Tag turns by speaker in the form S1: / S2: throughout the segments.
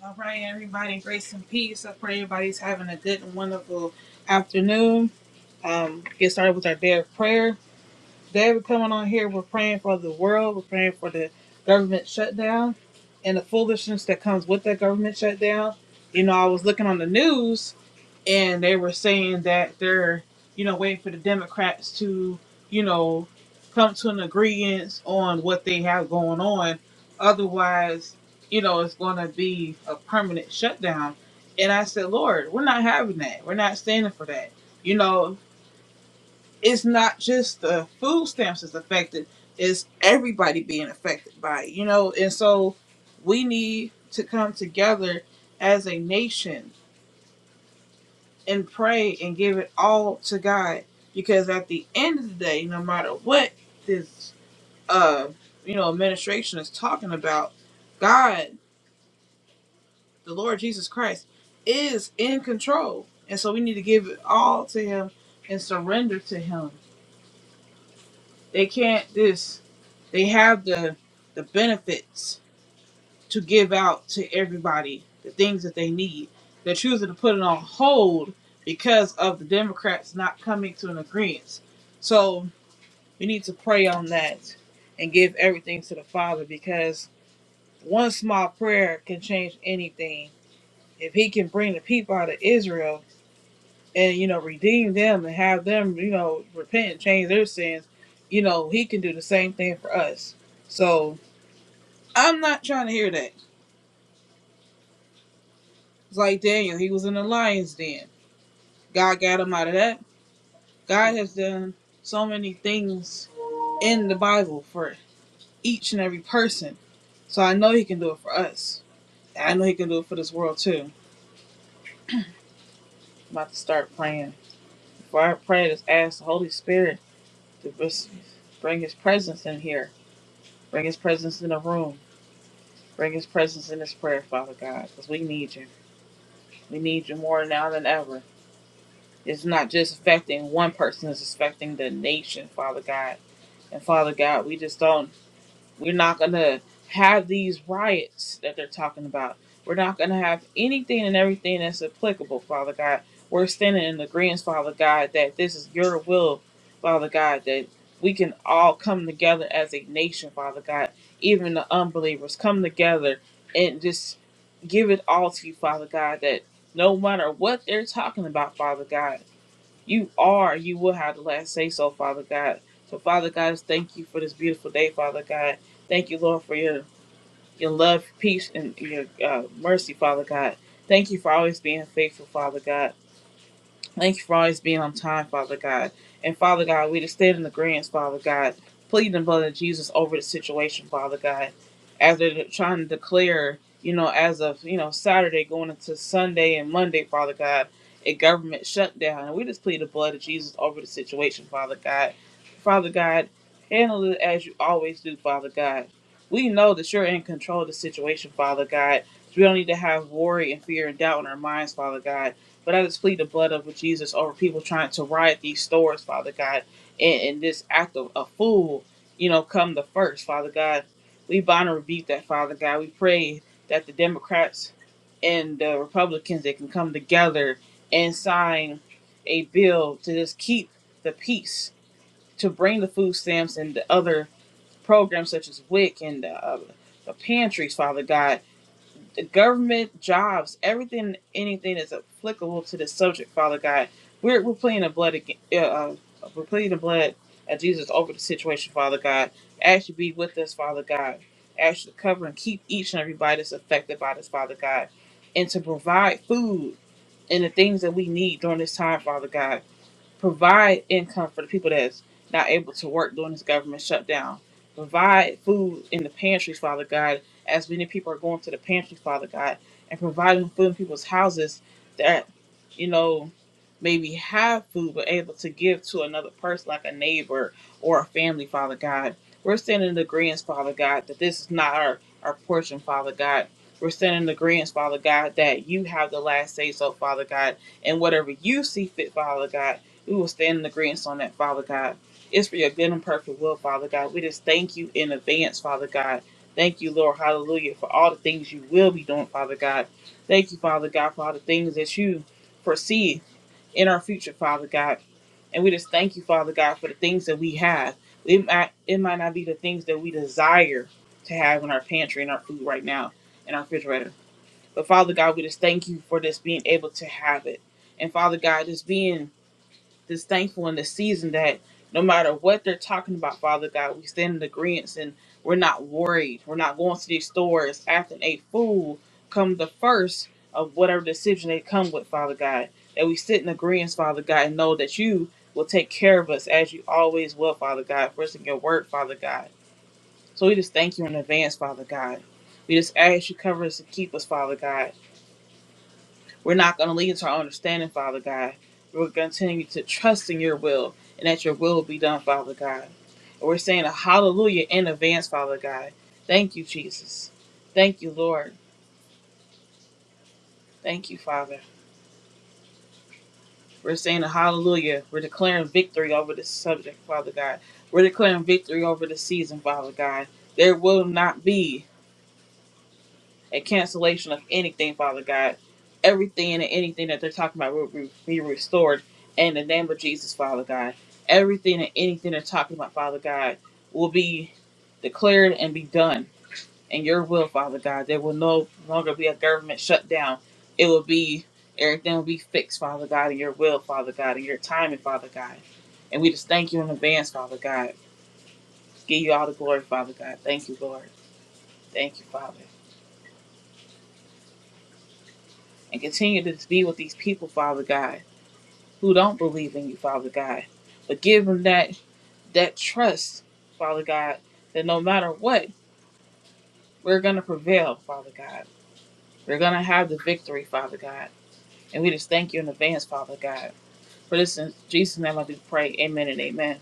S1: All right, everybody, grace and peace. I pray everybody's having a good and wonderful afternoon. Um, get started with our day of prayer. Today, we're coming on here. We're praying for the world. We're praying for the government shutdown and the foolishness that comes with that government shutdown. You know, I was looking on the news and they were saying that they're, you know, waiting for the Democrats to, you know, come to an agreement on what they have going on. Otherwise, you know, it's going to be a permanent shutdown. And I said, Lord, we're not having that. We're not standing for that. You know, it's not just the food stamps that's affected; it's everybody being affected by it. You know, and so we need to come together as a nation and pray and give it all to God. Because at the end of the day, no matter what this uh you know administration is talking about, God, the Lord Jesus Christ, is in control. And so we need to give it all to him and surrender to him. They can't this they have the the benefits to give out to everybody the things that they need. They're choosing to put it on hold because of the Democrats not coming to an agreement. So we need to pray on that and give everything to the Father because one small prayer can change anything. If He can bring the people out of Israel and, you know, redeem them and have them, you know, repent and change their sins, you know, He can do the same thing for us. So I'm not trying to hear that. It's like Daniel, he was in the lion's den God got him out of that. God has done so many things in the Bible for each and every person. So I know he can do it for us. I know he can do it for this world too. I'm about to start praying. Before I pray, just ask the Holy Spirit to just bring his presence in here. Bring his presence in the room. Bring his presence in this prayer, Father God, because we need you. We need you more now than ever. It's not just affecting one person, it's affecting the nation, Father God. And Father God, we just don't We're not going to have these riots that they're talking about. We're not going to have anything and everything that's applicable, Father God. We're standing in agreement, Father God, that this is your will, Father God, that we can all come together as a nation, Father God. Even the unbelievers come together and just give it all to you, Father God, that no matter what they're talking about, Father God you are, you will have the last say so, Father God. So, Father God, thank you for this beautiful day, Father God. Thank you, Lord, for your your love, peace, and your uh, mercy, Father God. Thank you for always being faithful, Father God. Thank you for always being on time, Father God. And Father God, we just stand in the grants, Father God, pleading the blood of Jesus over the situation, Father God. As they're trying to declare, you know, as of, you know, Saturday going into Sunday and Monday, Father God, a government shutdown. And we just plead the blood of Jesus over the situation, Father God. Father God, handle it as you always do, Father God. We know that you're in control of the situation, Father God. We don't need to have worry and fear and doubt in our minds, Father God but I just plead the blood of Jesus over people trying to riot these stores, Father God, and, and this act of a fool, you know, come the first, Father God. We bind and rebuke that, Father God. We pray that the Democrats and the Republicans they can come together and sign a bill to just keep the peace, to bring the food stamps and the other programs such as WIC and the, uh, the pantries, Father God the government jobs, everything, anything that's applicable to this subject, Father God. We're, we're pleading the blood, again, uh, uh, we're pleading the blood of Jesus over the situation, Father God. Ask you to be with us, Father God. Ask you to cover and keep each and everybody that's affected by this, Father God, and to provide food and the things that we need during this time, Father God provide income for the people that's not able to work during this government shutdown. Provide food in the pantries, Father God, as many people are going to the pantry, Father God, and providing food in people's houses that, you know, maybe have food but able to give to another person like a neighbor or a family, Father God. We're standing in agreement, Father God, that this is not our, our portion, Father God. We're standing in agreement, Father God, that you have the last say so, Father God, and whatever you see fit, Father God. We will stand in agreement on that, Father God. It's for your good and perfect will, Father God. We just thank you in advance, Father God. Thank you, Lord, hallelujah, for all the things you will be doing, Father God. Thank you, Father God, for all the things that you foresee in our future, Father God. And we just thank you, Father God, for the things that we have. It might, it might not be the things that we desire to have in our pantry and our food right now, in our refrigerator. But Father God, we just thank you for just being able to have it. And Father God, just being just thankful in this season that no matter what they're talking about, Father God, we stand in agreement and we're not worried. We're not going to these stores after a fool come the first of whatever decision they come with, Father God. That we sit in agreement, Father God, and know that you will take care of us as you always will, Father God, first in your word, Father God. So we just thank you in advance, Father God. We just ask you cover us and keep us, Father God. We're not going to lean to our understanding, Father God. We're going to continue to trust in your will and that your will be done, Father God. And we're saying a hallelujah in advance, Father God. Thank you, Jesus. Thank you, Lord. Thank you, Father. We're saying a hallelujah. We're declaring victory over this subject, Father God. We're declaring victory over the season, Father God. There will not be and cancellation of anything, Father God. Everything and anything that they're talking about will be restored in the name of Jesus, Father God. Everything and anything they're talking about, Father God, will be declared and be done in your will, Father God. There will no longer be a government shutdown. It will be, everything will be fixed, Father God, in your will, Father God, in your timing, Father God. And we just thank you in advance, Father God. Give you all the glory, Father God. Thank you, Lord. Thank you, Father. and continue to be with these people, Father God, who don't believe in you, Father God. But give them that that trust, Father God, that no matter what, we're gonna prevail, Father God. We're gonna have the victory, Father God. And we just thank you in advance, Father God. For this in Jesus' name I do pray. Amen and amen.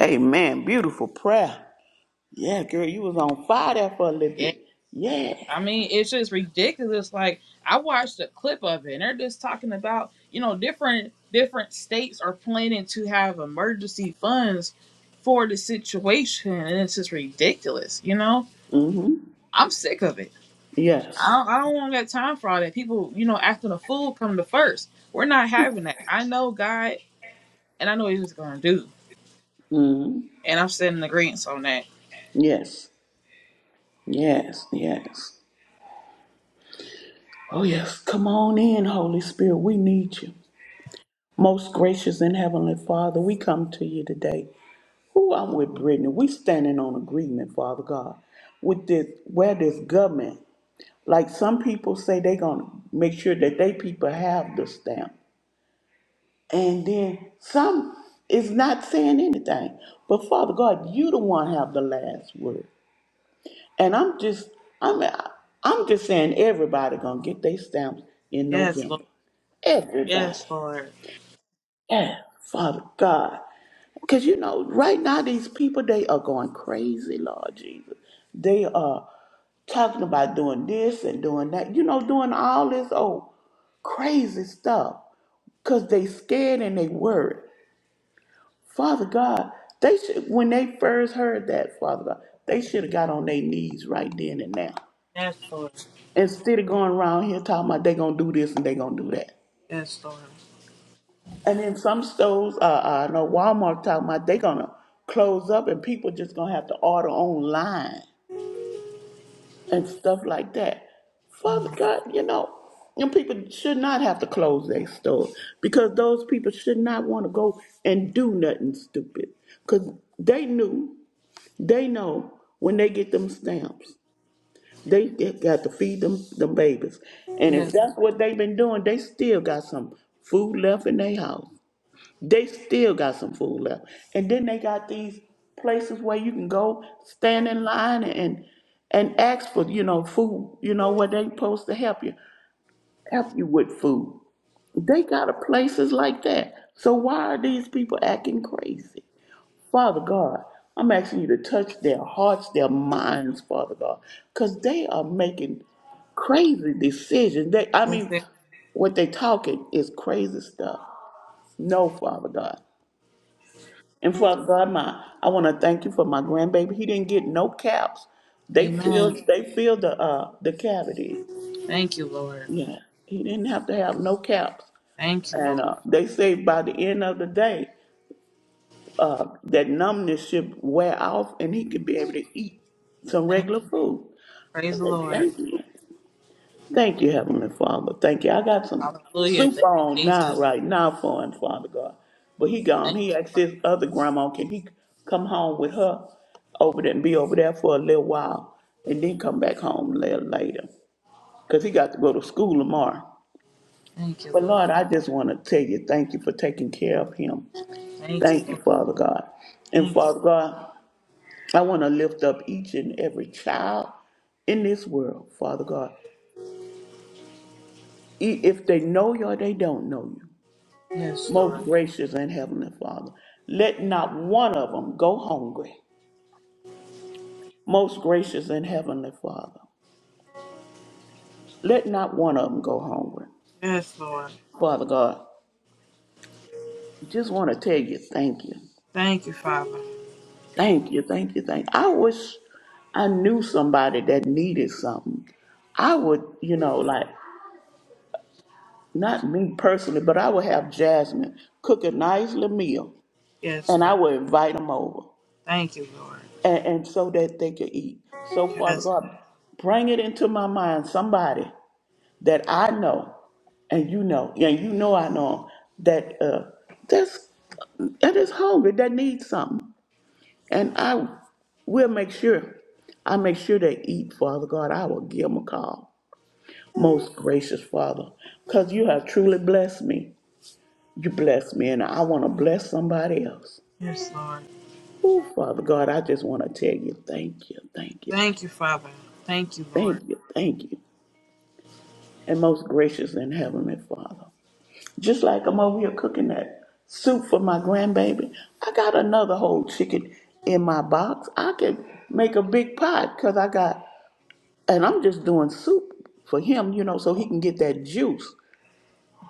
S2: Amen. Beautiful prayer. Yeah, girl, you was on fire there for a little
S1: Yes.
S2: bit. Yeah.
S1: I mean, it's just ridiculous. Like I watched a clip of it, and they're just talking about you know different different states are planning to have emergency funds for the situation, and it's just ridiculous. You know,
S2: Mm-hmm.
S1: I'm sick of it. I
S2: Yes.
S1: don't, I don't want that time for all that. People, you know, acting a fool come to first. We're not having that. I know God, and I know He's going to do,
S2: Mm-hmm.
S1: and I'm setting agreements on that.
S2: Yes. Yes. Yes. Oh yes. Come on in, Holy Spirit. We need you. Most gracious and heavenly Father, we come to you today. Who I'm with Brittany. We standing on agreement, Father God, with this where this government, like some people say they gonna make sure that they people have the stamp. And then some is not saying anything. But Father God, you the one have the last word. And I'm just I'm I'm just saying everybody gonna get their stamps in
S1: Yes, Lord.
S2: November.
S1: Yes,
S2: Everybody.
S1: Lord.
S2: Yeah, Father God. Cause you know, right now these people they are going crazy, Lord Jesus. They are talking about doing this and doing that, you know, doing all this old crazy stuff. Cause they scared and they worried. Father God, they should when they first heard that, Father God, they should have got on their knees right then and now.
S1: Yes, Lord.
S2: Instead of going around here talking about they gonna do this and they gonna do that.
S1: Yes, Lord.
S2: And then some stores, uh, uh, I know Walmart talking about they gonna close up and people just gonna have to order online and stuff like that. Father
S1: Mm.
S2: God, you know, and people should not have to close their stores because those people should not want to go and do nothing stupid because they knew They know when they get them stamps, they get- got to feed them them babies. And if
S1: Yes.
S2: that's what they've been doing, they still got some food left in their house. They still got some food left. And then they got these places where you can go stand in line and and ask for, you know, food, you know, where they supposed to help you, help you with food. They got a places like that. So why are these people acting crazy? Father God, I'm asking you to touch their hearts, their minds, Father God, because they are making crazy decisions. They, I mean,
S1: Yes.
S2: what they talking is crazy stuff. No, Father God. And Father God, my I want to thank you for my grandbaby. He didn't get no caps. They
S1: Amen.
S2: filled they filled the uh the cavities.
S1: Thank you, Lord.
S2: Yeah. He didn't have to have no caps.
S1: Thank you,
S2: And
S1: Lord.
S2: uh, they say by the end of the day, uh, that numbness should wear off and he could be able to eat some
S1: Thank
S2: regular
S1: you.
S2: food. I
S1: Praise the
S2: said,
S1: Lord.
S2: Thank you. Thank you, Heavenly Father. Thank you. I got some
S1: Hallelujah.
S2: soup
S1: Thank you,
S2: on now,
S1: Jesus.
S2: right now for him, Father God. But he gone.
S1: Thank
S2: He
S1: you,
S2: asked
S1: Father.
S2: his other grandma, can he come home with her over there and be over there for a little while and then come back home a little later? Because he got to go to school tomorrow.
S1: Thank you,
S2: But Lord,
S1: Lord.
S2: I just want to tell you, thank you for taking care of him.
S1: Thank you,
S2: Thank you,
S1: Lord.
S2: Father God. And
S1: Thank you,
S2: Father God, I want to lift up each and every child in this world, Father God. E- If they know you or they don't know you,
S1: Lord. Yes,
S2: most
S1: Lord.
S2: gracious and heavenly Father, let not one of them go hungry. Most gracious and heavenly Father, let not one of them go hungry.
S1: Yes, Lord.
S2: Father God, just want to tell you thank you.
S1: Thank you, Father.
S2: Thank you, thank you, thank you. I wish I knew somebody that needed something. I would, you know, like Not me personally, but I would have Jasmine cook a nice little meal
S1: Yes,
S2: and I
S1: Lord.
S2: would invite them over
S1: Thank you, Lord.
S2: and, and so that they could eat. So, Father
S1: Yes,
S2: God, bring it into my mind somebody that I know and you know, and you know I know 'em, that uh, that's that is hungry, that needs something. And I will make sure, I make sure they eat, Father God. I will give them a call, most gracious Father, because you have truly blessed me. You bless me, and I want to bless somebody else.
S1: yes, Lord.
S2: Oh, Father God, I just want to tell you thank you, thank you,
S1: Thank you, Father. Thank you, Lord.
S2: thank you, thank you. And most gracious and heavenly Father, just like I'm over here cooking that soup for my grandbaby, I got another whole chicken in my box. I can make a big pot because I got, and I'm just doing soup for him, you know, so he can get that juice.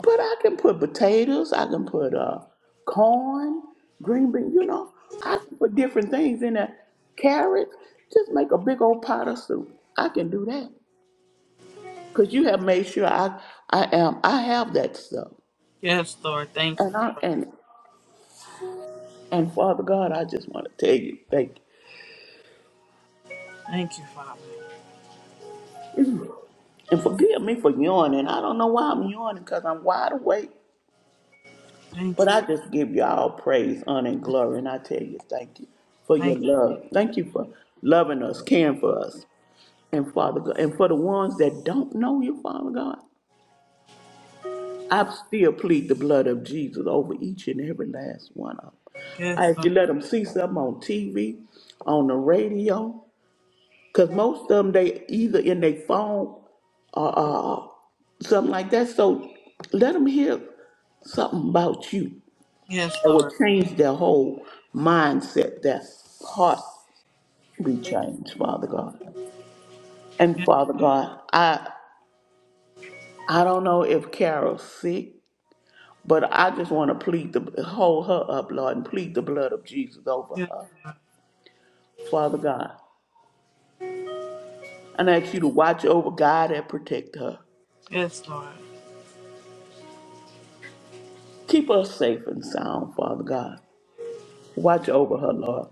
S2: But I can put potatoes, I can put uh, corn, green beans, you know, I can put different things in there. Carrots, just make a big old pot of soup. I can do that. Cause you have made sure I, I am, I have that stuff.
S1: Yes, Lord. Thank you,
S2: And I,
S1: Lord.
S2: and, and Father God, I just want to tell you, thank you.
S1: Thank you, Father.
S2: And forgive me for yawning. I don't know why I'm yawning because I'm wide awake.
S1: Thank
S2: But I
S1: you.
S2: just give y'all praise, honor, and glory. And I tell you, thank you for your
S1: Thank you.
S2: love. Thank you for loving us, caring for us. And Father God, and for the ones that don't know you, Father God, I still plead the blood of Jesus over each and every last one of them. I
S1: Yes,
S2: ask
S1: Lord.
S2: you let them see something on TV, on the radio, because most of them they either in their phone or uh, something like that. So let them hear something about you
S1: Yes,
S2: that will
S1: Lord.
S2: change their whole mindset, their heart be changed, Father God. And
S1: Yes,
S2: Father God, I I don't know if Carol's sick, but I just want to plead the hold her up, Lord, and plead the blood of Jesus over
S1: yes,
S2: her. Father God, I ask you to watch over God and protect her.
S1: yes, Lord.
S2: Keep her safe and sound, Father God. Watch over her, Lord,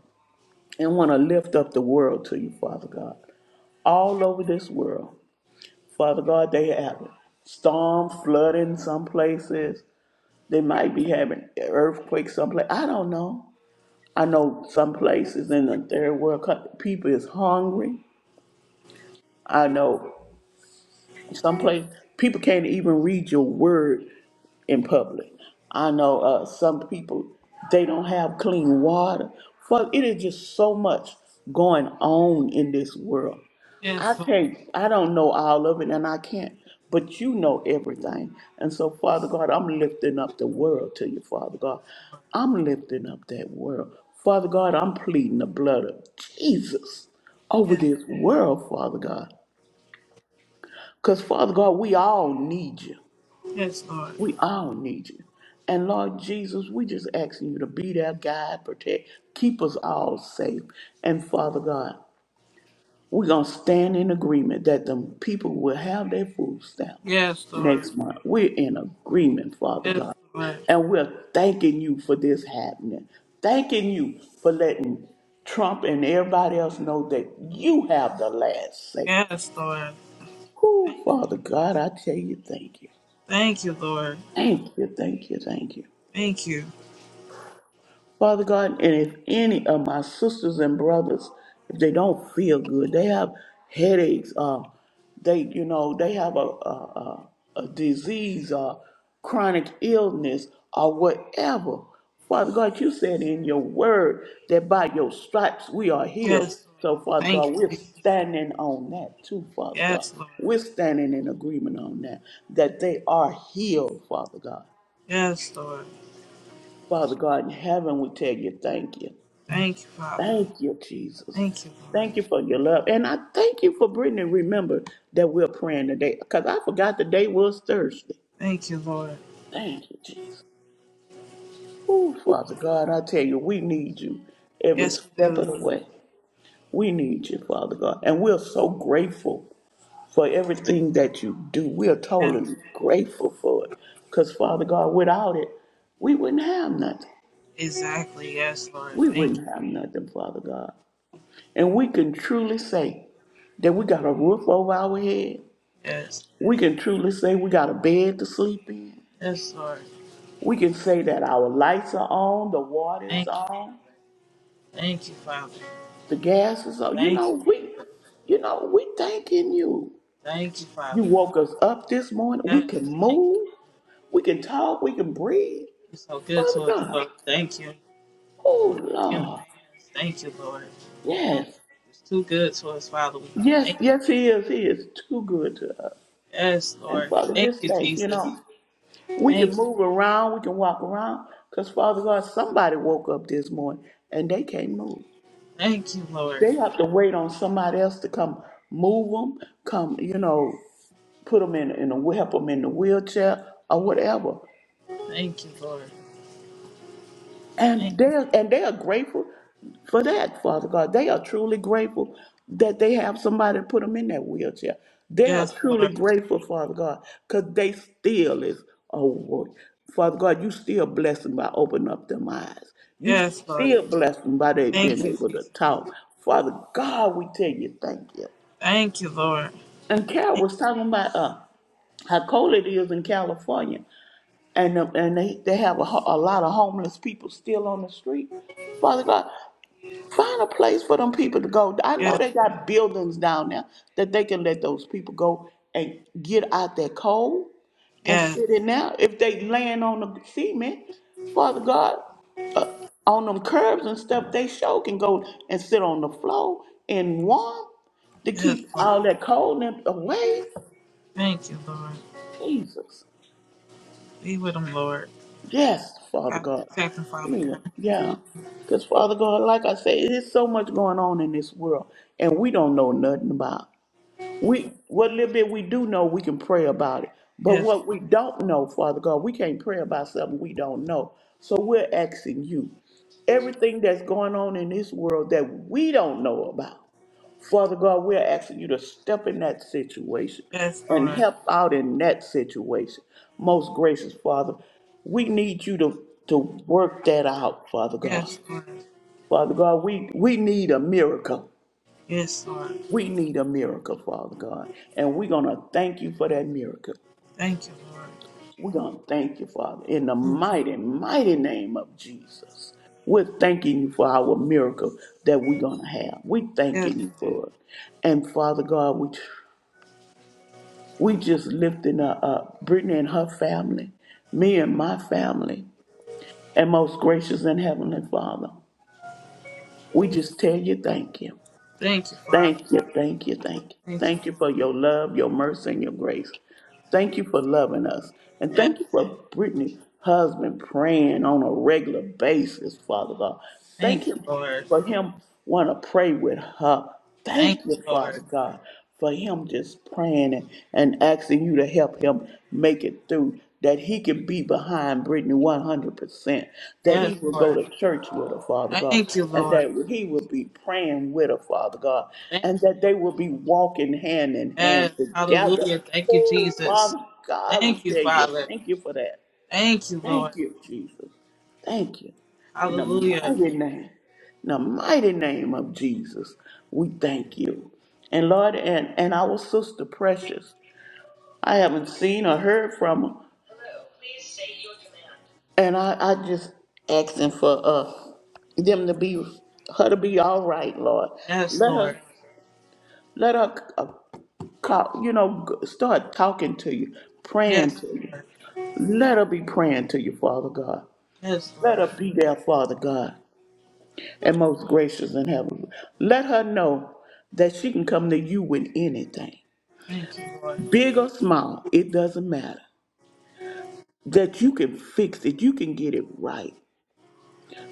S2: and want to lift up the world to you, Father God. All over this world, Father God, they have it. Storm, flooding some places. They might be having earthquakes someplace. I don't know. I know some places in the third world coun- people is hungry. I know Someplace people can't even read your word in public. I know uh, some people they don't have clean water. Fuck, it is just so much going on in this world. I
S1: Yes, Lord.
S2: can't. I don't know all of it, and I can't. But you know everything, and so Father God, I'm lifting up the world to you, Father God.
S1: Yes, Lord.
S2: I'm lifting up that world, Father God. I'm pleading the blood of Jesus over
S1: Yes,
S2: this world, Father God. Because, Father God, we all need you.
S1: yes, Lord.
S2: We all need you. And Lord Jesus, we just asking you to be there, guide, protect, keep us all safe. And Father God, we're going to stand in agreement that the people will have their food stamp
S1: Yes, Lord.
S2: next month. We're in agreement, Father
S1: Yes,
S2: God.
S1: Lord.
S2: And we're thanking you for this happening. Thanking you for letting Trump and everybody else know that you have the last say.
S1: Yes, Lord. Thank
S2: Who,
S1: you,
S2: Father God,
S1: Jesus.
S2: I tell you, thank you.
S1: Thank you, Lord.
S2: Thank you, thank you, thank you.
S1: Thank you.
S2: Father God, and if any of my sisters and brothers, if they don't feel good, they have headaches, uh, they, you know, they have a, a, a, a disease or chronic illness or whatever. Father God, you said in your word that by your stripes we are healed.
S1: Yes, Lord.
S2: So, Father
S1: Thank
S2: God,
S1: you,
S2: we're
S1: Jesus.
S2: standing on that too, Father God.
S1: Yes, Lord.
S2: We're standing in agreement on that, that they are healed, Father God.
S1: Yes, Lord.
S2: Father God in heaven, we tell you thank you.
S1: Thank you, Father.
S2: Thank you, Jesus.
S1: Thank you, Lord.
S2: Thank you for your love. And I thank you for Brittany. Remember that we're praying today because I forgot the day was Thursday.
S1: Thank you, Lord.
S2: Thank you, Jesus. Oh, Father God, I tell you, we need you every
S1: Yes, we
S2: step
S1: do,
S2: of the
S1: Father.
S2: way. We need you, Father God. And we're so grateful for everything that you do. We are
S1: Yes,
S2: totally grateful for it. Because, Father God, without it, we wouldn't have nothing.
S1: exactly. Yes, Lord.
S2: We
S1: Thank you.
S2: wouldn't have nothing, Father God. And we can truly say that we got a roof over our head.
S1: Yes.
S2: We can truly say we got a bed to sleep in.
S1: Yes, Lord.
S2: We can say that our lights are on, the water is
S1: Thank you,
S2: on,
S1: Father. Thank you, Father.
S2: the gas is on. You
S1: Thank
S2: know,
S1: you,
S2: we
S1: Father.
S2: you know, we thanking you.
S1: Thank you,
S2: You
S1: Father.
S2: woke us up this morning.
S1: Yes,
S2: We can
S1: thank you,
S2: move,
S1: Father.
S2: we can talk, we can breathe.
S1: You're so good
S2: Father
S1: to us,
S2: God.
S1: Lord. Thank you. Thank
S2: Oh
S1: you in advance.
S2: Lord.
S1: Thank you, Lord.
S2: Yes.
S1: It's too good to us, Father. We
S2: Yes,
S1: thank you.
S2: yes, he is. He is too good to us.
S1: Yes,
S2: And
S1: Lord.
S2: Father,
S1: Thank
S2: just
S1: you,
S2: thank, you know.
S1: Jesus.
S2: We
S1: Thank
S2: can
S1: you.
S2: move around, we can walk around, because Father God, somebody woke up this morning and they can't move.
S1: Thank you, Lord.
S2: They have to wait on somebody else to come move them, come, you know, put them in, in a, help them in the wheelchair or whatever.
S1: Thank you, Lord. Thank
S2: And
S1: you.
S2: they're and they are grateful for that, Father God. They are truly grateful that they have somebody to put them in that wheelchair. They are
S1: Yes,
S2: truly
S1: Lord.
S2: grateful, Father God, because they still is a work. Father God, you still bless them by opening up them eyes. You
S1: Yes, Lord.
S2: still bless them by they
S1: Thank
S2: being
S1: you,
S2: able to
S1: Jesus.
S2: talk. Father God, we tell you thank you.
S1: Thank you, Lord.
S2: And Carol
S1: Thank
S2: was
S1: you.
S2: talking about uh, how cold it is in California and the- and they, they have a, ho- a lot of homeless people still on the street. Father God, find a place for them people to go. I know
S1: Yes,
S2: they got buildings down there that they can let those people go and get out their cold and
S1: yes,
S2: sit in there. If they laying on the cement, Father God, uh, on them curbs and stuff, they sure can go and sit on the floor and warm to
S1: yes,
S2: keep all
S1: Lord.
S2: that cold and away.
S1: Thank you, Lord.
S2: Jesus.
S1: Be with them, Lord.
S2: Yes, Father
S1: God
S2: God.
S1: protect them, Father
S2: Anyway,
S1: God.
S2: yeah. Because, Father God, like I say, there's so much going on in this world, and we don't know nothing about. We What little bit we do know, we can pray about it. But
S1: Yes,
S2: what we don't know, Father God, we can't pray about something we don't know. So we're asking you everything that's going on in this world that we don't know about. Father God, we're asking you to step in that situation
S1: yes,
S2: and
S1: Lord.
S2: help out in that situation. Most gracious Father, we need you to, to work that out, Father God.
S1: Yes, Lord.
S2: Father God, we, we need a miracle.
S1: Yes, Lord.
S2: We need a miracle, Father God. And we're going to thank you for that miracle.
S1: Thank you, Lord.
S2: We're going to thank you, Father, in the mighty, mighty name of Jesus. We're thanking you for our miracle that we're going to have. We're
S1: Yes.
S2: thanking you for it. And Father God, we We just lifting her up, Brittany and her family, me and my family, and most gracious and heavenly Father. We just tell you thank you.
S1: Thank you, Father.
S2: Thank you, thank you, thank you.
S1: Thank you,
S2: Thank you for
S1: Lord.
S2: your love, your mercy, and your grace. Thank you for loving us. And
S1: Yes.
S2: thank you for Brittany's husband praying on a regular basis, Father God.
S1: Thank
S2: Thank
S1: you,
S2: you
S1: Lord.
S2: for him want to pray with her.
S1: Thank
S2: Thank
S1: you,
S2: you,
S1: Lord.
S2: Father God, for him just praying and, and asking you to help him make it through. That he can be behind Brittany 100%, that
S1: Yes,
S2: he will go
S1: Lord.
S2: to church with her, Father God,
S1: Thank you,
S2: and
S1: Lord.
S2: that he will be praying with her, Father God,
S1: Thank
S2: and
S1: you,
S2: that
S1: Lord.
S2: they will be walking hand in
S1: Yes.
S2: hand together
S1: Hallelujah. Thank you,
S2: Oh,
S1: Jesus.
S2: Father God,
S1: Thank you,
S2: we tell you,
S1: Father.
S2: thank you for that.
S1: Thank you, Lord.
S2: Thank you, Jesus. Thank you. In the
S1: Hallelujah.
S2: mighty name, in the mighty name of Jesus, we thank you. And Lord, and, and our sister Precious, I haven't seen or heard from her. And I, I just asking for uh them to be her to be all right, Lord.
S1: Yes,
S2: Let
S1: Lord.
S2: her let her uh, call, you know g- start talking to you, praying
S1: Yes,
S2: to you.
S1: Lord.
S2: Let her be praying to you, Father God.
S1: Yes,
S2: Let
S1: Lord.
S2: her be there, Father God, and most gracious in heaven. Let her know that she can come to you with anything,
S1: Thank you, Lord.
S2: big or small, it doesn't matter. That you can fix it, you can get it right.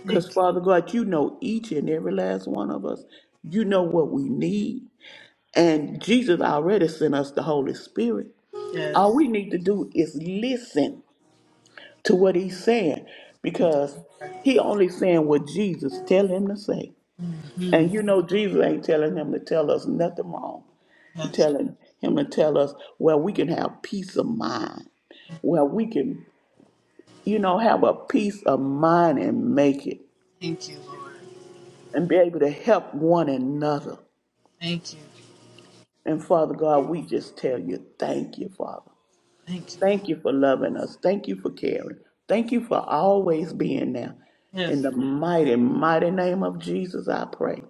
S1: Thank
S2: Because,
S1: you.
S2: Father God, you know each and every last one of us. You know what we need. And Jesus already sent us the Holy Spirit. All
S1: Yes,
S2: we need to do is listen to what he's saying because
S1: Lord.
S2: he only saying what Jesus tell him to say.
S1: hmm
S2: And you know Jesus ain't telling him to tell us nothing wrong. He
S1: Yes.
S2: telling him to tell us where we can have peace of mind, where we can, you know, have a peace of mind and make it
S1: Thank you, Lord.
S2: and be able to help one another.
S1: Thank you.
S2: And Father God, we just tell you, thank you, Father.
S1: Thank you.
S2: Thank you for loving us. Thank you for caring. Thank you for always being there. In
S1: Yes,
S2: the
S1: Lord.
S2: mighty, mighty name of Jesus, I pray.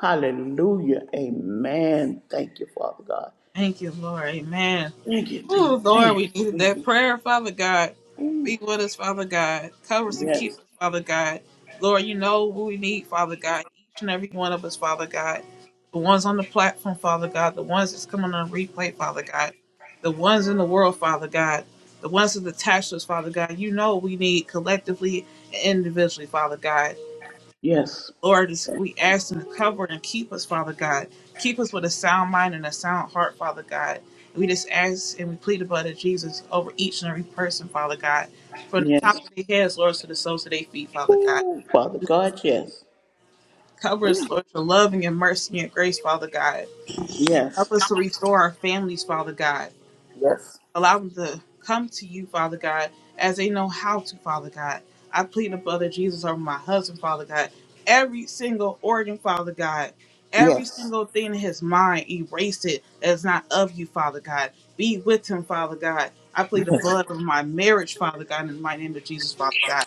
S2: Hallelujah. Amen. Thank you, Father God.
S1: Thank you, Lord. Amen.
S2: Thank you.
S1: Oh, Lord,
S2: Amen.
S1: we needed
S2: Thank
S1: that
S2: you.
S1: prayer, Father God.
S2: Ooh,
S1: Be with us, Father God. Cover us and keep
S2: Yes.
S1: us, Father God. Lord, you know what we need, Father God. Each and every one of us, Father God. The ones on the platform, Father God. The ones that's coming on replay, Father God. The ones in the world, Father God. The ones that's attached to us, Father God. You know what we need collectively and individually, Father God.
S2: Yes.
S1: Lord, as we ask you to cover and keep us, Father God. Keep us with a sound mind and a sound heart, Father God. We just ask and we plead the blood of Jesus over each and every person, Father God. From the
S2: Yes.
S1: top of their heads, Lord, to the soles of their feet, Father God.
S2: Ooh, Father God, yes.
S1: Cover us, Lord, with your love and your mercy and your grace, Father God.
S2: Yes.
S1: Help us to restore our families, Father God.
S2: Yes.
S1: Allow them to come to you, Father God, as they know how to, Father God. I plead the blood of Jesus over my husband, Father God. Every single organ, Father God. Every
S2: Yes.
S1: single thing in his mind, erase it that's not of you, Father God. Be with him, Father God. I plead the
S2: Yes.
S1: blood of my marriage, Father God, in the mighty name of Jesus, Father God.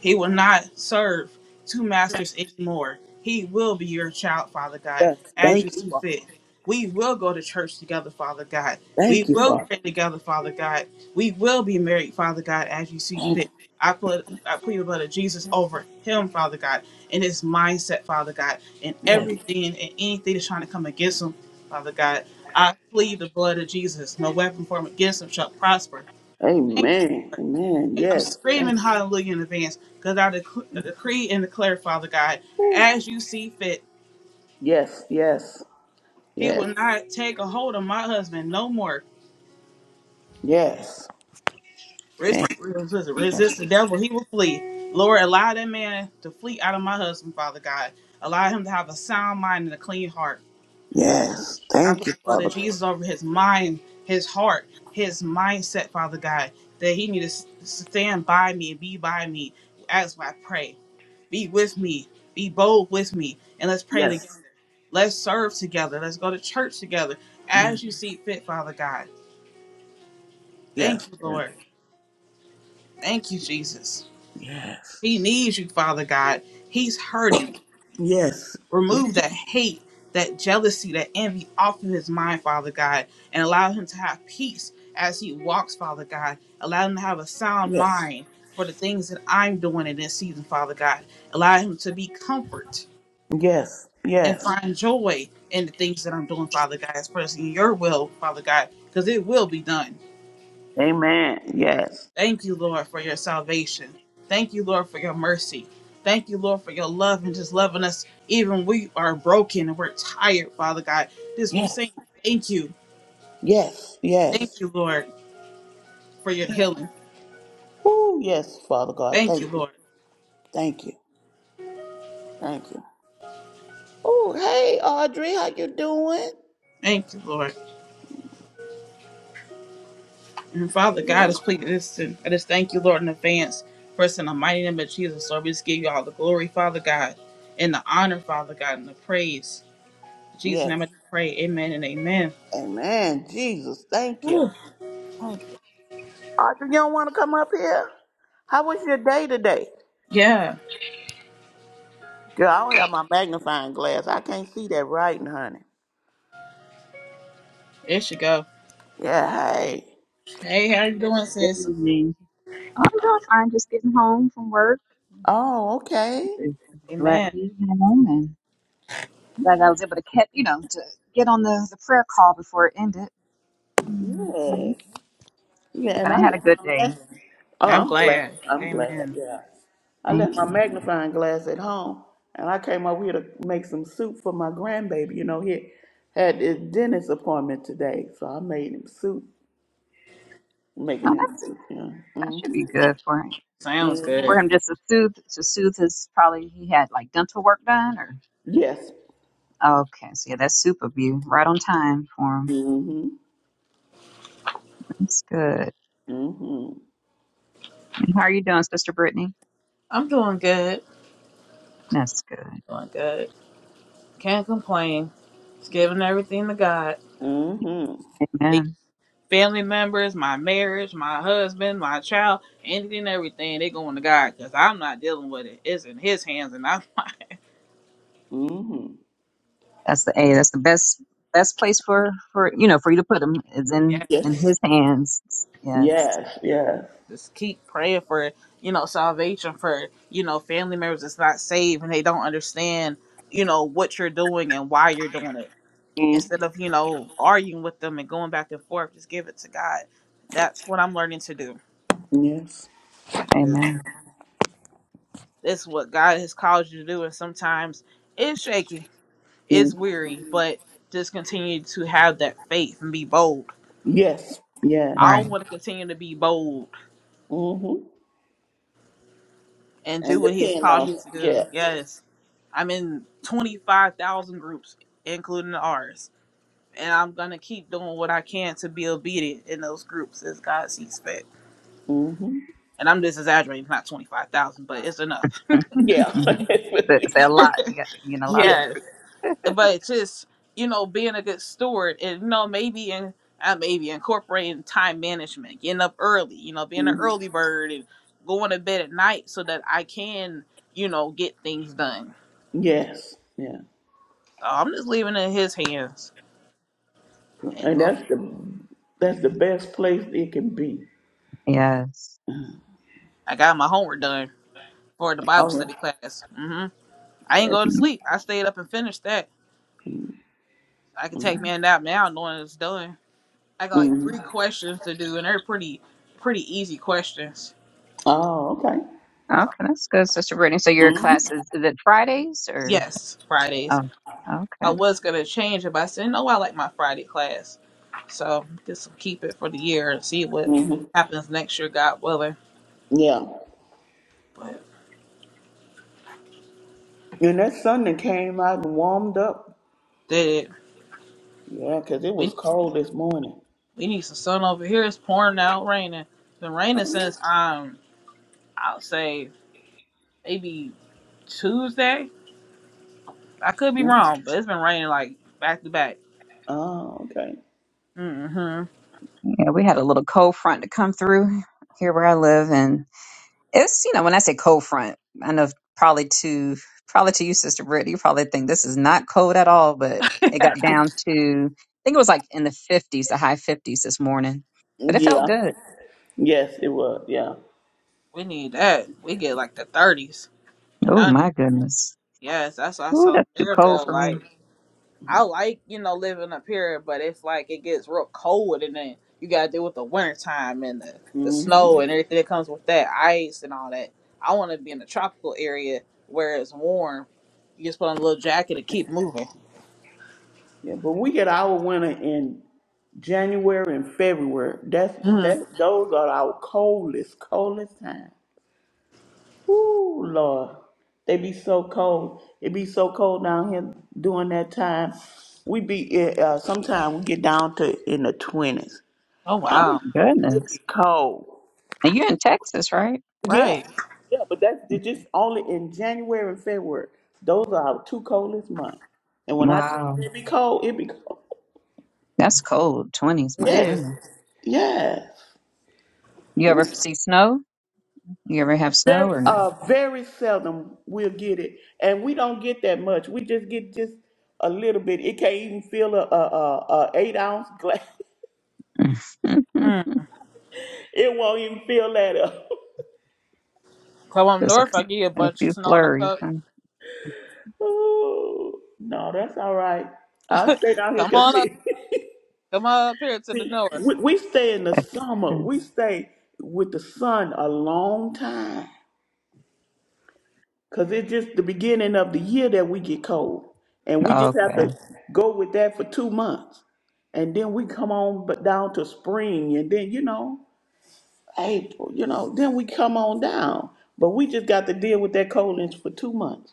S1: He will not serve two masters anymore. He will be your child, Father God,
S2: Yes.
S1: as you
S2: Thank you,
S1: see
S2: Father.
S1: fit. We will go to church together, Father God.
S2: Thank
S1: We
S2: you,
S1: will
S2: Father.
S1: pray together, Father God. We will be married, Father God, as you see
S2: Thank you.
S1: fit. I put I plead the blood of Jesus over him, Father God, and his mindset, Father God, and
S2: Yes.
S1: everything and anything that's trying to come against him, Father God. I plead the blood of Jesus. No weapon formed against him shall prosper. Thank you,
S2: Amen.
S1: Lord.
S2: Amen.
S1: And I'm
S2: Yes. Thank
S1: screaming
S2: you.
S1: hallelujah in advance because I dec- decree and declare, Father God, as you see fit,
S2: Yes. Yes.
S1: he
S2: Yes.
S1: will not take a hold of my husband no more.
S2: Yes.
S1: Resist, resist the devil, he will flee. Lord, allow that man to flee out of my husband, Father God. Allow him to have a sound mind and a clean heart.
S2: Yes.
S1: I
S2: Thank you,
S1: plead the blood
S2: Father
S1: of
S2: God.
S1: Jesus over his mind, his heart, his mindset, Father God, that he need to s- stand by me and be by me as I pray. Be with me. Be bold with me. And let's pray together.
S2: Yes.
S1: Let's serve together. Let's go to church together
S2: Yes.
S1: as you see fit, Father God.
S2: Yes.
S1: Thank you,
S2: Yes.
S1: Lord. Thank you, Jesus. He needs you, Father God. He's hurting.
S2: Yes.
S1: Remove that hate, that jealousy, that envy off of his mind, Father God, and allow him to have peace as he walks, Father God. Allow him to have a sound
S2: Yes.
S1: mind for the things that I'm doing in this season, Father God. Allow him to be comfort
S2: Yes.
S1: and
S2: Yes.
S1: find joy in the things that I'm doing, Father God, expressing your will, Father God, because it will be done.
S2: Amen. Yes.
S1: Thank you, Lord, for your salvation. Thank you, Lord, for your mercy. Thank you, Lord, for your love and just loving us even when we are broken and we're tired, Father God. This we
S2: Yes.
S1: sing. Thank you.
S2: Yes.
S1: Thank
S2: Yes.
S1: you, Lord, for your healing.
S2: Oh, yes, Father God.
S1: Thank you,
S2: Thank you.
S1: Lord.
S2: Thank you. Thank you. Oh, hey, Audrey, how you doing?
S1: Thank you, Lord. And Father
S2: You
S1: God, is
S2: want?
S1: pleading this and I just thank you, Lord, in advance. For us in the mighty name of Jesus, Lord, we just give you all the glory, Father God, and the honor, Father God, and the praise. In Jesus' name
S2: Yes.
S1: I pray. Amen and amen.
S2: Amen. Jesus, thank you. Thank you. Audrey, you don't want to come up here? How was your day today?
S1: Yeah,
S2: Girl, I don't have my magnifying glass. I can't see that writing, honey.
S1: there she go.
S2: Yeah, hey.
S1: Hey, how you
S3: Good,
S1: doing,
S3: good
S1: sis?
S3: evening. Oh, I'm doing fine, just getting home from work.
S2: Oh, okay.
S3: I'm Glad to
S1: Amen.
S3: be home and glad I was able to catch, you know, to get on the, the prayer call before it ended. hmm
S2: Yes. Yeah,
S3: But
S2: and
S3: I
S2: I
S3: had a
S2: left
S3: good
S2: my
S3: day.
S2: glass. Oh,
S1: I'm
S2: I'm glad.
S1: glad.
S2: I'm glad.
S1: Amen.
S2: Yeah. I left
S3: Thank
S2: my
S3: you.
S2: magnifying glass at home and I came over here to make some soup for my grandbaby. You know, he had his dentist appointment today, so I made him soup. Making
S3: No,
S2: him
S3: that's
S2: soup. Yeah.
S3: that should
S2: Mm-hmm.
S3: be good for him.
S1: Sounds
S2: Mm-hmm.
S3: For
S1: good.
S3: him just to soothe to soothe his probably he had like dental work done or
S2: Yes.
S3: okay. So yeah, that's super view Right on time for him.
S2: Mm-hmm.
S3: That's good.
S2: Mm-hmm.
S3: And how are you doing, Sister Brittany?
S1: I'm doing good.
S3: That's good.
S1: Doing good. Can't complain. Just giving everything to God.
S2: Mm-hmm.
S3: Amen.
S1: The family members, my marriage, my husband, my child, anything, everything, they going to God because I'm not dealing with it. It's in His hands, and I'm like,
S2: Mm-hmm.
S3: That's the a. That's the best best place for for you know for you to put him is in
S2: Yes.
S3: in
S1: yes.
S3: his hands. Yes.
S2: Yes, yes.
S1: Just keep praying for, you know, salvation for, you know, family members that's not saved and they don't understand, you know, what you're doing and why you're doing it
S2: hmm
S1: instead of you know arguing with them and going back and forth just give it to god that's what i'm learning to do
S2: Yes.
S1: 'cause
S3: Amen.
S1: this is what god has called you to do and sometimes it's shaky it's
S2: Mm.
S1: weary but just continue to have that faith and be bold
S2: Yes. Yes.
S1: i
S3: Right.
S1: want to continue to be bold
S2: hmm
S1: and do
S2: And
S1: what he has
S2: depend
S1: called
S2: on
S1: me to do
S2: yes.
S1: yes i'm in 25000 groups including ours and i'm gonna keep doing what i can to be obedient in those groups as god sees fit
S2: hmm
S1: and I'm just exaggerating, not 25,000, but it's enough.
S2: Yeah.
S3: But it's a lot. You got you know a lot of
S2: yes.
S1: Yes.
S3: group.
S1: But it's just, you know, being a good steward and, you know, maybe in, uh, maybe incorporating time management, getting up early, you know, being an
S2: hmm
S1: early bird and going to bed at night so that I can, you know, get things done.
S2: Yes. Yeah.
S1: So I'm just leaving it in his hands and
S2: And
S1: go.
S2: that's the that's the best place it can be.
S3: yes.
S1: I got my homework done for the Bible
S2: All right.
S1: study class. hmm I ain't
S2: Yes.
S1: go to
S3: Mhm.
S1: sleep. I stayed up and finished that.
S2: hmm
S1: I could take me a nap now knowing it's done. I got like three questions to do, and they're pretty pretty easy questions.
S2: Oh, okay.
S3: Okay, that's good, Sister Brittany. So your
S2: hmm
S3: class is, is it Fridays or?
S1: Yes, Fridays.
S3: Oh,
S1: I
S3: okay.
S1: was gonna change it, but I said no. I like my Friday class, so just keep it for the year and see what
S2: hmm
S1: happens next year, God willing.
S2: Yeah.
S1: But
S2: And that sun that came out and warmed up.
S1: did it?
S2: Yeah, cause it
S1: We
S2: was
S1: need,
S2: cold this morning.
S1: we need some sun over here. It's pouring out, raining. It's been raining since um I'll say maybe Tuesday. I could be
S2: Mhm.
S1: wrong, but it's been raining like back to back.
S2: Oh, okay.
S1: mm hmm
S3: Yeah, we had a little cold front to come through here where I live, and It's you know when I say cold front, I know probably to probably to you, Sister Brittany, you probably think this is not cold at all, but it got down to I think it was like in the fifties, the high fifties this morning, but it felt
S2: Yeah.
S3: good.
S2: Yes, it was. Yeah.
S1: We need that. We get like the thirties. and.
S3: Oh
S1: I
S3: my goodness,
S1: Yes, that's what I
S3: oh
S1: told
S3: that's too cold
S1: Maribel.
S3: for me.
S1: Like, I like, you know, living up here, but it's like it gets real cold and then you got to deal with the winter time and the, the
S2: hmm
S1: snow and everything that comes with that, ice and all that. I want to be in a tropical area where it's warm. You just put on a little jacket and keep moving.
S2: Yeah, but we get our winter in January and February. That's
S1: hmm
S2: that. Those are our coldest, coldest time. Ooh, Lord, they be so cold. It be so cold down here during that time. We be uh, uh, sometimes we get down to in the twenties.
S1: Oh,
S3: Oh
S1: wow.
S3: my
S2: It be
S3: goodness,
S2: cold.
S3: and you're in Texas, right?
S2: Yeah,
S1: Right.
S2: yeah, but that's they're just only in January and February. Those are our two coldest months. And when I tell
S3: Wow,
S2: you it be cold, it be cold.
S3: that's cold twenties.
S1: It
S3: My
S1: is.
S2: Yes.
S3: goodness,
S2: Yes.
S3: you ever
S2: It's
S3: see snow? You ever have snow
S2: very,
S3: or no?
S2: uh, very seldom we'll get it, and we don't get that much. We just get just a little bit. It can't even fill a, a, a, a eight ounce glass.
S1: Mm.
S2: it won't even fill that up.
S1: Come up
S3: There's a
S1: north,
S3: few,
S1: I get a
S3: a
S1: bunch of
S3: few
S1: snow in the
S3: flurries.
S1: cup.
S3: huh?
S2: Ooh. no, that's all right. I stay down here
S1: Come
S2: because
S1: on up.
S2: see,
S1: Come on up here to the
S2: see
S1: north.
S2: we, we stay in the summer. We stay with the sun a long time. Cause it's just the beginning of the year that we get cold, and we
S1: hmm
S2: just have
S3: Okay.
S2: to go with that for two months, and then we come on but down to spring, and then you know April, you know, then we come on down. But we just got to deal with that coldness for two months.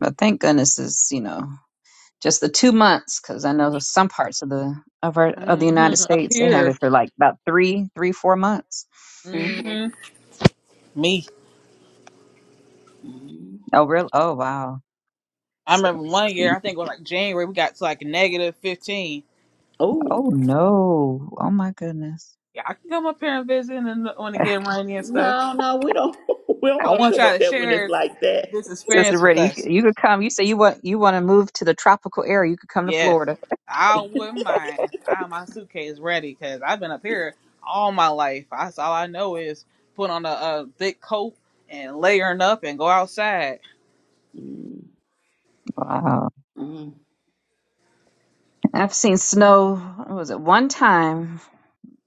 S3: But thank goodness it's, you know, just the two months because I know some parts of the of our of the United
S1: hmm Up
S3: States they have
S1: here.
S3: it for like about three, three, four months.
S2: hmm
S1: hmm Me.
S2: hmm
S3: Oh really? Oh wow.
S1: I
S3: So
S1: remember one year,
S3: see.
S1: I think it was like January, we got to like negative 15.
S2: Oh
S3: Oh no. Oh my goodness.
S1: Yeah, I can come up here and visit and when it get rainy and stuff.
S2: no, no, we don't. we don't
S1: I
S2: want to
S1: want
S2: come
S1: y'all
S2: up
S1: to
S2: there when it's
S1: share
S2: like that.
S1: this
S3: Sister
S1: experience with
S3: Brittany, you,
S1: us.
S3: c- you could come. You say you want you want to move to the tropical area. You could come to
S1: Yes,
S3: Florida.
S1: I wouldn't mind. I have my suitcase ready because I've been up here all my life. That's all I know is put on a, a thick coat and layering up and go outside.
S2: Mm-hmm.
S3: Wow. I've seen snow. What was it one time?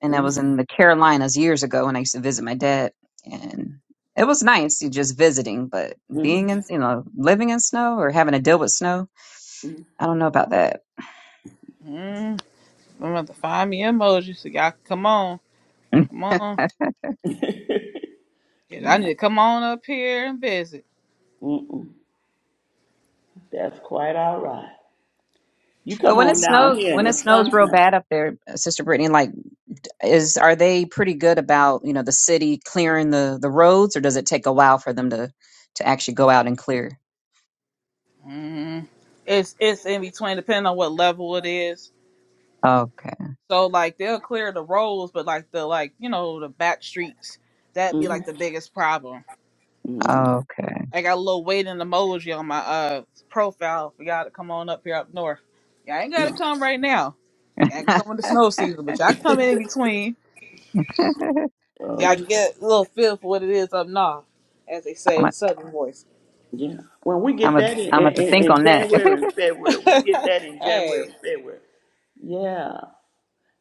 S3: and I was
S2: Mm-hmm.
S3: in the Carolinas years ago when I used to visit my dad, and it was nice you just visiting, but being in you know living in snow or having to deal with snow,
S2: Mm-hmm.
S3: I don't know about that.
S1: Mm, I'm gonna have to find me emojis so y'all can come on. Come on. 'Cause I need to come on up here and visit.
S2: Mm-mm. That's quite all right. You
S3: But
S2: come
S3: when it
S2: on down
S3: snows,
S2: here in
S3: when it
S2: the
S3: snows real
S2: sunset.
S3: bad up there, uh, Sister Brittany, like is are they pretty good about you know the city clearing the the roads, or does it take a while for them to to actually go out and clear?
S1: hmm It's it's in between, depending on what level it is.
S3: Okay,
S1: So like they'll clear the roads, but like the like you know the back streets that'd be
S2: hmm
S1: like the biggest problem.
S2: hmm
S3: okay,
S1: I got a little waiting emoji on my uh profile for y'all to come on up here up north. Y'all ain't gotta
S2: No.
S1: come right now. Y'all can
S3: I'm
S1: come in the snow season, but y'all can come in in between.
S2: Uh,
S1: Y'all can get a little feel for what it is up north, as they say the
S3: a,
S1: southern voice.
S2: yeah. When we get
S3: I'm a, I'm
S2: that in,
S3: gonna have
S2: in,
S3: to
S2: in,
S3: think
S2: in
S3: on that.
S2: January and February, we get that in January
S1: hey,
S2: and February. Yeah.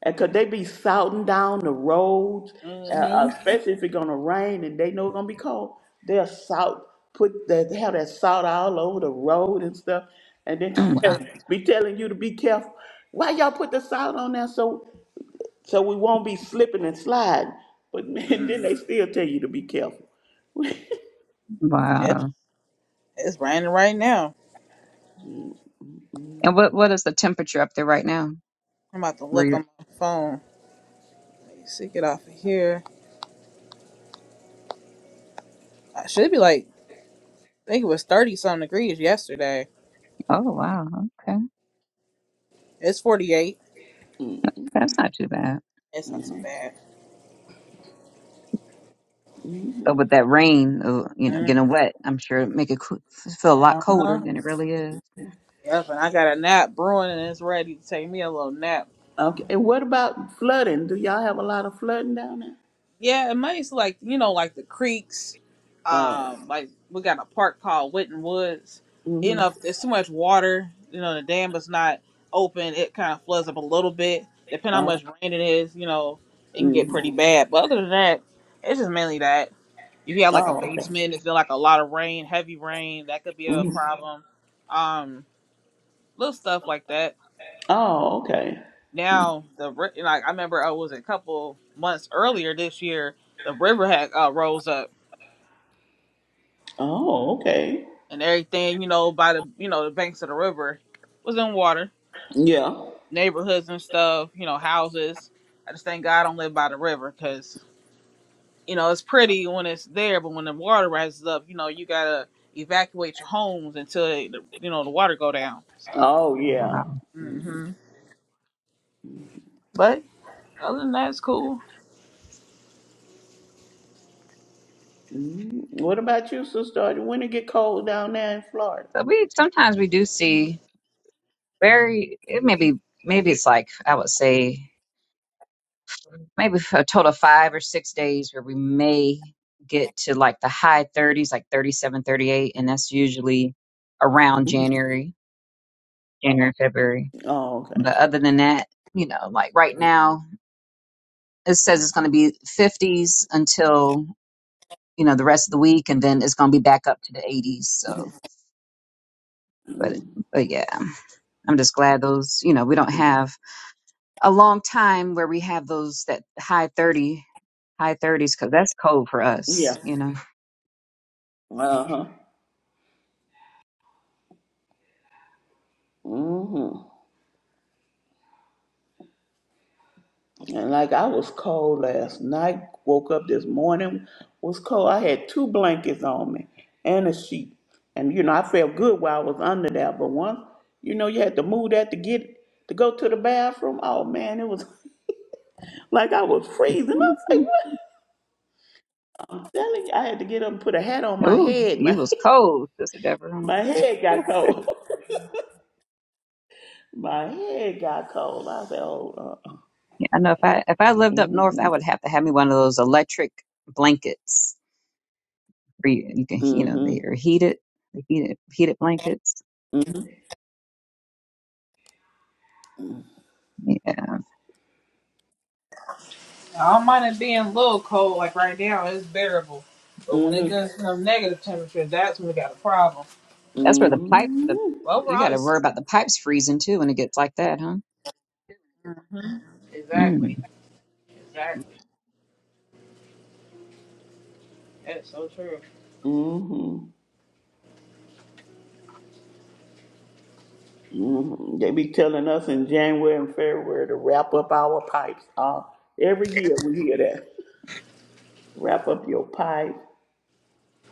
S2: And could they be salting down the roads, uh,
S1: mm-hmm.
S2: uh, especially if it's gonna rain and they know it's gonna be cold? They'll salt, put that, they have that salt all over the road and stuff, and
S1: Oh
S3: Mm,
S1: wow,
S2: then be telling you to be careful. Why y'all put the salt on there so So we won't be slipping and sliding. But man, then
S1: mm.
S2: they still tell you to be careful.
S1: it's
S3: wow.
S1: it's raining right now.
S3: And what what is the temperature up there right now?
S1: I'm about to
S3: Where
S1: look on my phone. Let me see, get off of here. I should be like, I think it was 30 something degrees yesterday.
S3: oh wow, okay,
S1: It's 48.
S2: Mm,
S3: that's not too bad.
S1: It's not too bad.
S2: Mhm.
S3: But with that rain, uh, you know,
S1: Mm,
S3: getting wet, I'm sure it make it coo- feel a lot
S1: uh
S3: colder
S1: huh.
S3: than it really is.
S1: Yep, and I got a nap brewing and it's ready to take me a little nap.
S2: Okay. And what about flooding? Do y'all have a lot of flooding down there?
S1: Yeah, and mine's like you know, like the creeks.
S2: Oh.
S1: Um, like we got a park called Witten Woods. You know,
S2: Mm-hmm.
S1: if there's too much water, you know, the dam is not open, it kind of floods up a little bit. Depending how
S2: Oh.
S1: much rain it is, you know, it can get
S2: hmm
S1: pretty bad. But other than that, it's just mainly that. If you have like a
S2: Oh. Okay.
S1: basement, it's been like a lot of rain, heavy rain, that could be a
S2: hmm
S1: problem. Um, little stuff like that.
S2: Oh. Okay.
S1: Now the ri- like I remember I was a couple months earlier this year, the river had uh, rose up
S2: Oh. Okay.
S1: and everything, you know, by the you know the banks of the river was in water,
S2: Yeah.
S1: neighborhoods and stuff, you know, houses. I just thank God I don't live by the river because you know it's pretty when it's there, but when the water rises up, you know, you gotta evacuate your homes until it, you know the water go down. So,
S2: Oh.
S3: Oh, wow.
S2: Yeah.
S1: hmm but other than that, it's cool.
S2: Mhm. What about you, sister? When it get cold down there in Florida?
S3: So we sometimes we do see very. It may be maybe it's like I would say maybe a total of five or six days where we may get to like the high 30s, like 37, 38, and that's usually around
S2: Mhm.
S3: January, January, February.
S2: Oh. Okay.
S3: But other than that, you know, like right now. it says it's going to be 50s until you know the rest of the week and then it's going to be back up to the 80s so but
S2: mm
S3: but yeah i'm just glad those you know we don't
S2: mm.
S3: have a long time where we have those that high 30 high 30s because that's cold for
S2: Yeah.
S3: us you know
S2: Uh huh. Mm-hmm. And like I was cold last night, woke up this morning, was cold. I had two blankets on me and a sheet. And you know, I felt good while I was under there, but once, you know, you had to move that to get to go to the bathroom. Oh man, it was like I was freezing. I was like, what? I'm telling you, I had to get up and put a hat on my
S3: oh
S2: head.
S3: you
S2: My
S3: was cold sister deborah
S2: my head got
S3: yeah,
S2: cold. my head got cold. I said, oh, uh,
S3: i know if i if i lived up north i
S2: mm-hmm,
S3: would have to have me one of those electric blankets where you, you can you know
S2: mm-hmm,
S3: they're heated the heated heated blankets Yeah.
S1: I don't mind it being a little cold, like right now, it's bearable. But when it
S2: mm-hmm, mm-hmm,
S1: gets to negative temperature, that's when we got a problem.
S3: That's where the pipe, the
S2: mm-hmm.
S1: But
S3: uh, you got
S1: overall,
S3: to worry
S1: it's,
S3: about the pipes freezing too when it gets like that, huh?
S1: Mhm.
S3: mm
S1: exactly, exactly. That's so true.
S2: mm-hmm. Mhm. They be telling us in January and February to wrap up our pipes. Uh, every year we hear that. Wrap up your pipes.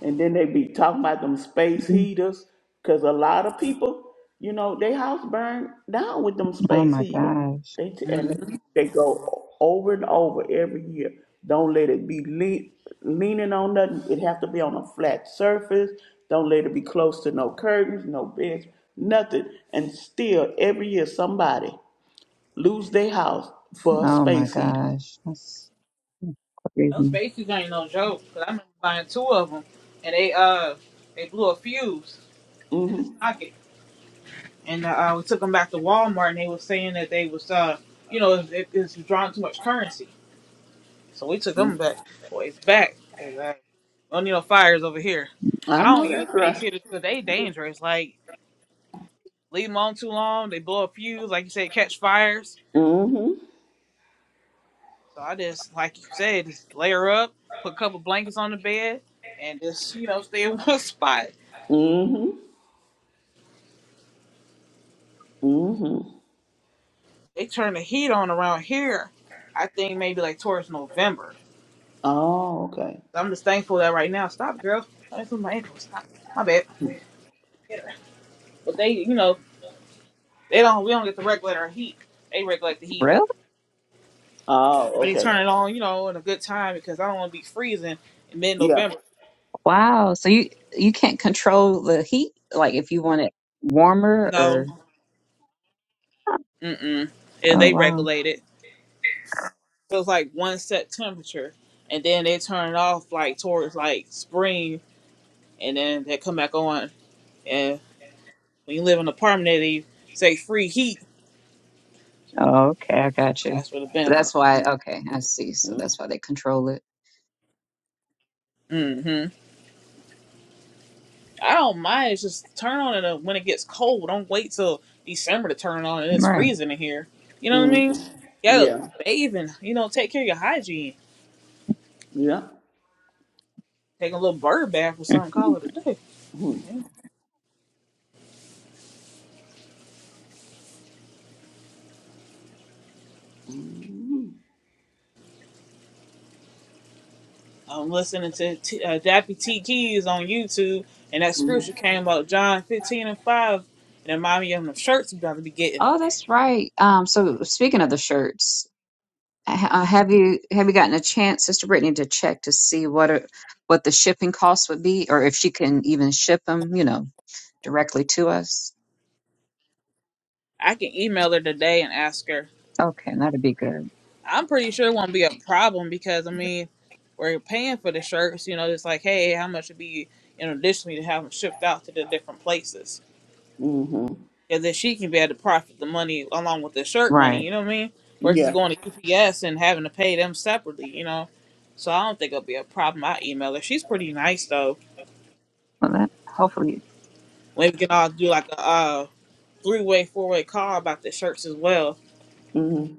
S2: And then they be talking about them space
S3: mm.
S2: heaters, because a lot of people, you know, they house burned down with them
S3: Oh
S2: space
S3: my
S2: heaters.
S3: gosh.
S2: They t- and
S1: Mm-hmm.
S2: they, they go over and over every year. Don't let it be le- leaning on nothing. It have to be on a flat surface. Don't let it be close to no curtains, no beds, nothing. And still, every year somebody lose their house for a
S3: Oh my
S2: space heater.
S3: gosh. That's
S1: Those
S3: crazy.
S1: spaces ain't no joke. Cause I remember buying two of them, and they uh they blew a fuse in the
S2: hmm
S1: socket, and uh we took them back to Walmart, and they were saying that they was uh you know it, it's drawing too much currency, so we took them back boys back because I don't need no fires over here. I
S2: I know
S1: don't use
S2: that's
S1: space
S2: right.
S1: heaters because they dangerous. Like leave them on too long, they blow a fuse. Like you said, catch fires.
S2: hmm
S1: So I just, like you said, just layer up, put a couple blankets on the bed, and just, you know, stay in one spot.
S2: hmm hmm
S1: They turn the heat on around here, I think maybe like towards November.
S2: Oh, okay.
S1: So I'm just thankful that right now, stop, girl. That's my ankle. Stop. My bad. Get But they, you know, they don't, we don't get to regulate our heat. They regulate the heat.
S3: Really?
S2: Oh,
S1: But they
S2: okay.
S1: turn it on, you know, in a good time because I don't want to be freezing in mid
S2: Yeah.
S1: November.
S3: Wow. So you you can't control the heat, like if you want it warmer
S1: No.
S3: or
S1: Mm mm.
S3: oh
S1: They
S3: wow.
S1: regulate it. So it's like one set temperature, and then they turn it off like towards like spring, and then they come back on. And when you live in an apartment, they say free heat.
S3: Oh, okay, I got you.
S1: That's for the
S3: So that's
S1: benefits.
S3: why. Okay, I see. So that's why they control it.
S1: hmm I don't mind. It's just turn on it uh, when it gets cold. Don't wait till December to turn it on and it's
S3: Right.
S1: freezing in here. You know what I
S2: Mm-hmm.
S1: mean? You gotta
S2: Yeah.
S1: bathe and you know take care of your hygiene.
S2: Yeah.
S1: Take a little bird bath or something.
S3: Mhm.
S1: Call it a day.
S2: Mm-hmm.
S1: Yeah. I'm listening to T, uh, Dappy T Keys on YouTube, and that scripture came up, John 15 and 5, and it reminded me of the shirts I'm about to be getting.
S3: Oh, that's right. Um, so speaking of the shirts, ha- uh, have you have you gotten a chance, Sister Brittany, to check to see what are, what the shipping costs would be, or if she can even ship them, you know, directly to us?
S1: I can email her today and ask her.
S3: Okay, that'd be good.
S1: I'm pretty sure it won't be a problem because, I mean, we're paying for the shirts. You know, it's like, hey, how much would be, you know, additionally to have them shipped out to the different places.
S2: Mm-hmm.
S1: and then she can be able to profit the money along with the shirt money.
S3: Right.
S1: You know what I mean? Versus
S2: Yeah.
S1: going to UPS and having to pay them separately. You know, so I don't think it'll be a problem. I email her. She's pretty nice though.
S3: Well, that hopefully
S1: Maybe we can all do like a uh, three way, four way call about the shirts as well.
S2: Mm-hmm.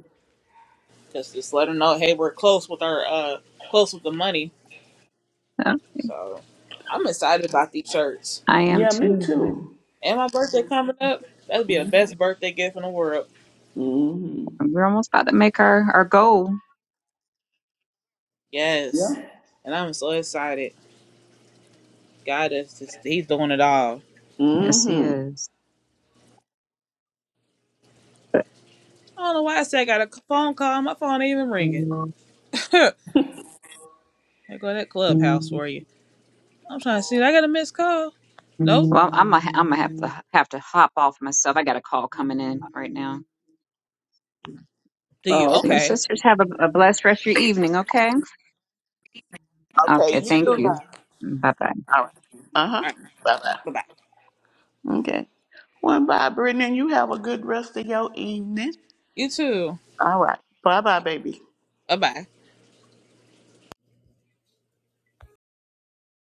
S1: Cause just let her know, hey, we're close with our uh close with the money.
S3: uh,
S1: So I'm excited about these shirts.
S3: I am
S2: Yeah, me
S3: too. Yeah.
S2: too.
S1: And my birthday coming up. That'll be the
S2: Mm-hmm.
S1: best birthday gift in the world.
S3: We're almost about to make our our goal.
S2: Yeah.
S1: Yes. And I'm so excited. God is just he's doing it all.
S3: Yes, he
S2: Mm-hmm.
S3: is. But-
S1: I don't know why I said I got a phone call. My phone ain't even ringing.
S3: Well,
S1: I go to that clubhouse
S3: I'm
S1: for you. I'm trying to see. I got a missed call. Nope.
S3: I'm gonna ha- I'm gonna have to have to hop off myself. I got a call coming in right now.
S1: Do you?
S2: Oh, okay.
S3: You
S1: Okay.
S3: sisters have a, a blessed rest of your evening, okay?
S2: Okay,
S3: Okay,
S1: You
S2: you
S1: too.
S3: thank
S2: too.
S1: All
S3: you.
S2: now.
S3: Bye bye.
S2: All right. Uh-huh.
S1: right.
S2: Bye-bye.
S1: Bye bye.
S2: Okay. Well, bye, Brittany. You have a good rest of your evening.
S1: You too.
S2: All right.
S1: All
S2: Bye-bye,
S1: right.
S2: baby.
S1: Bye bye.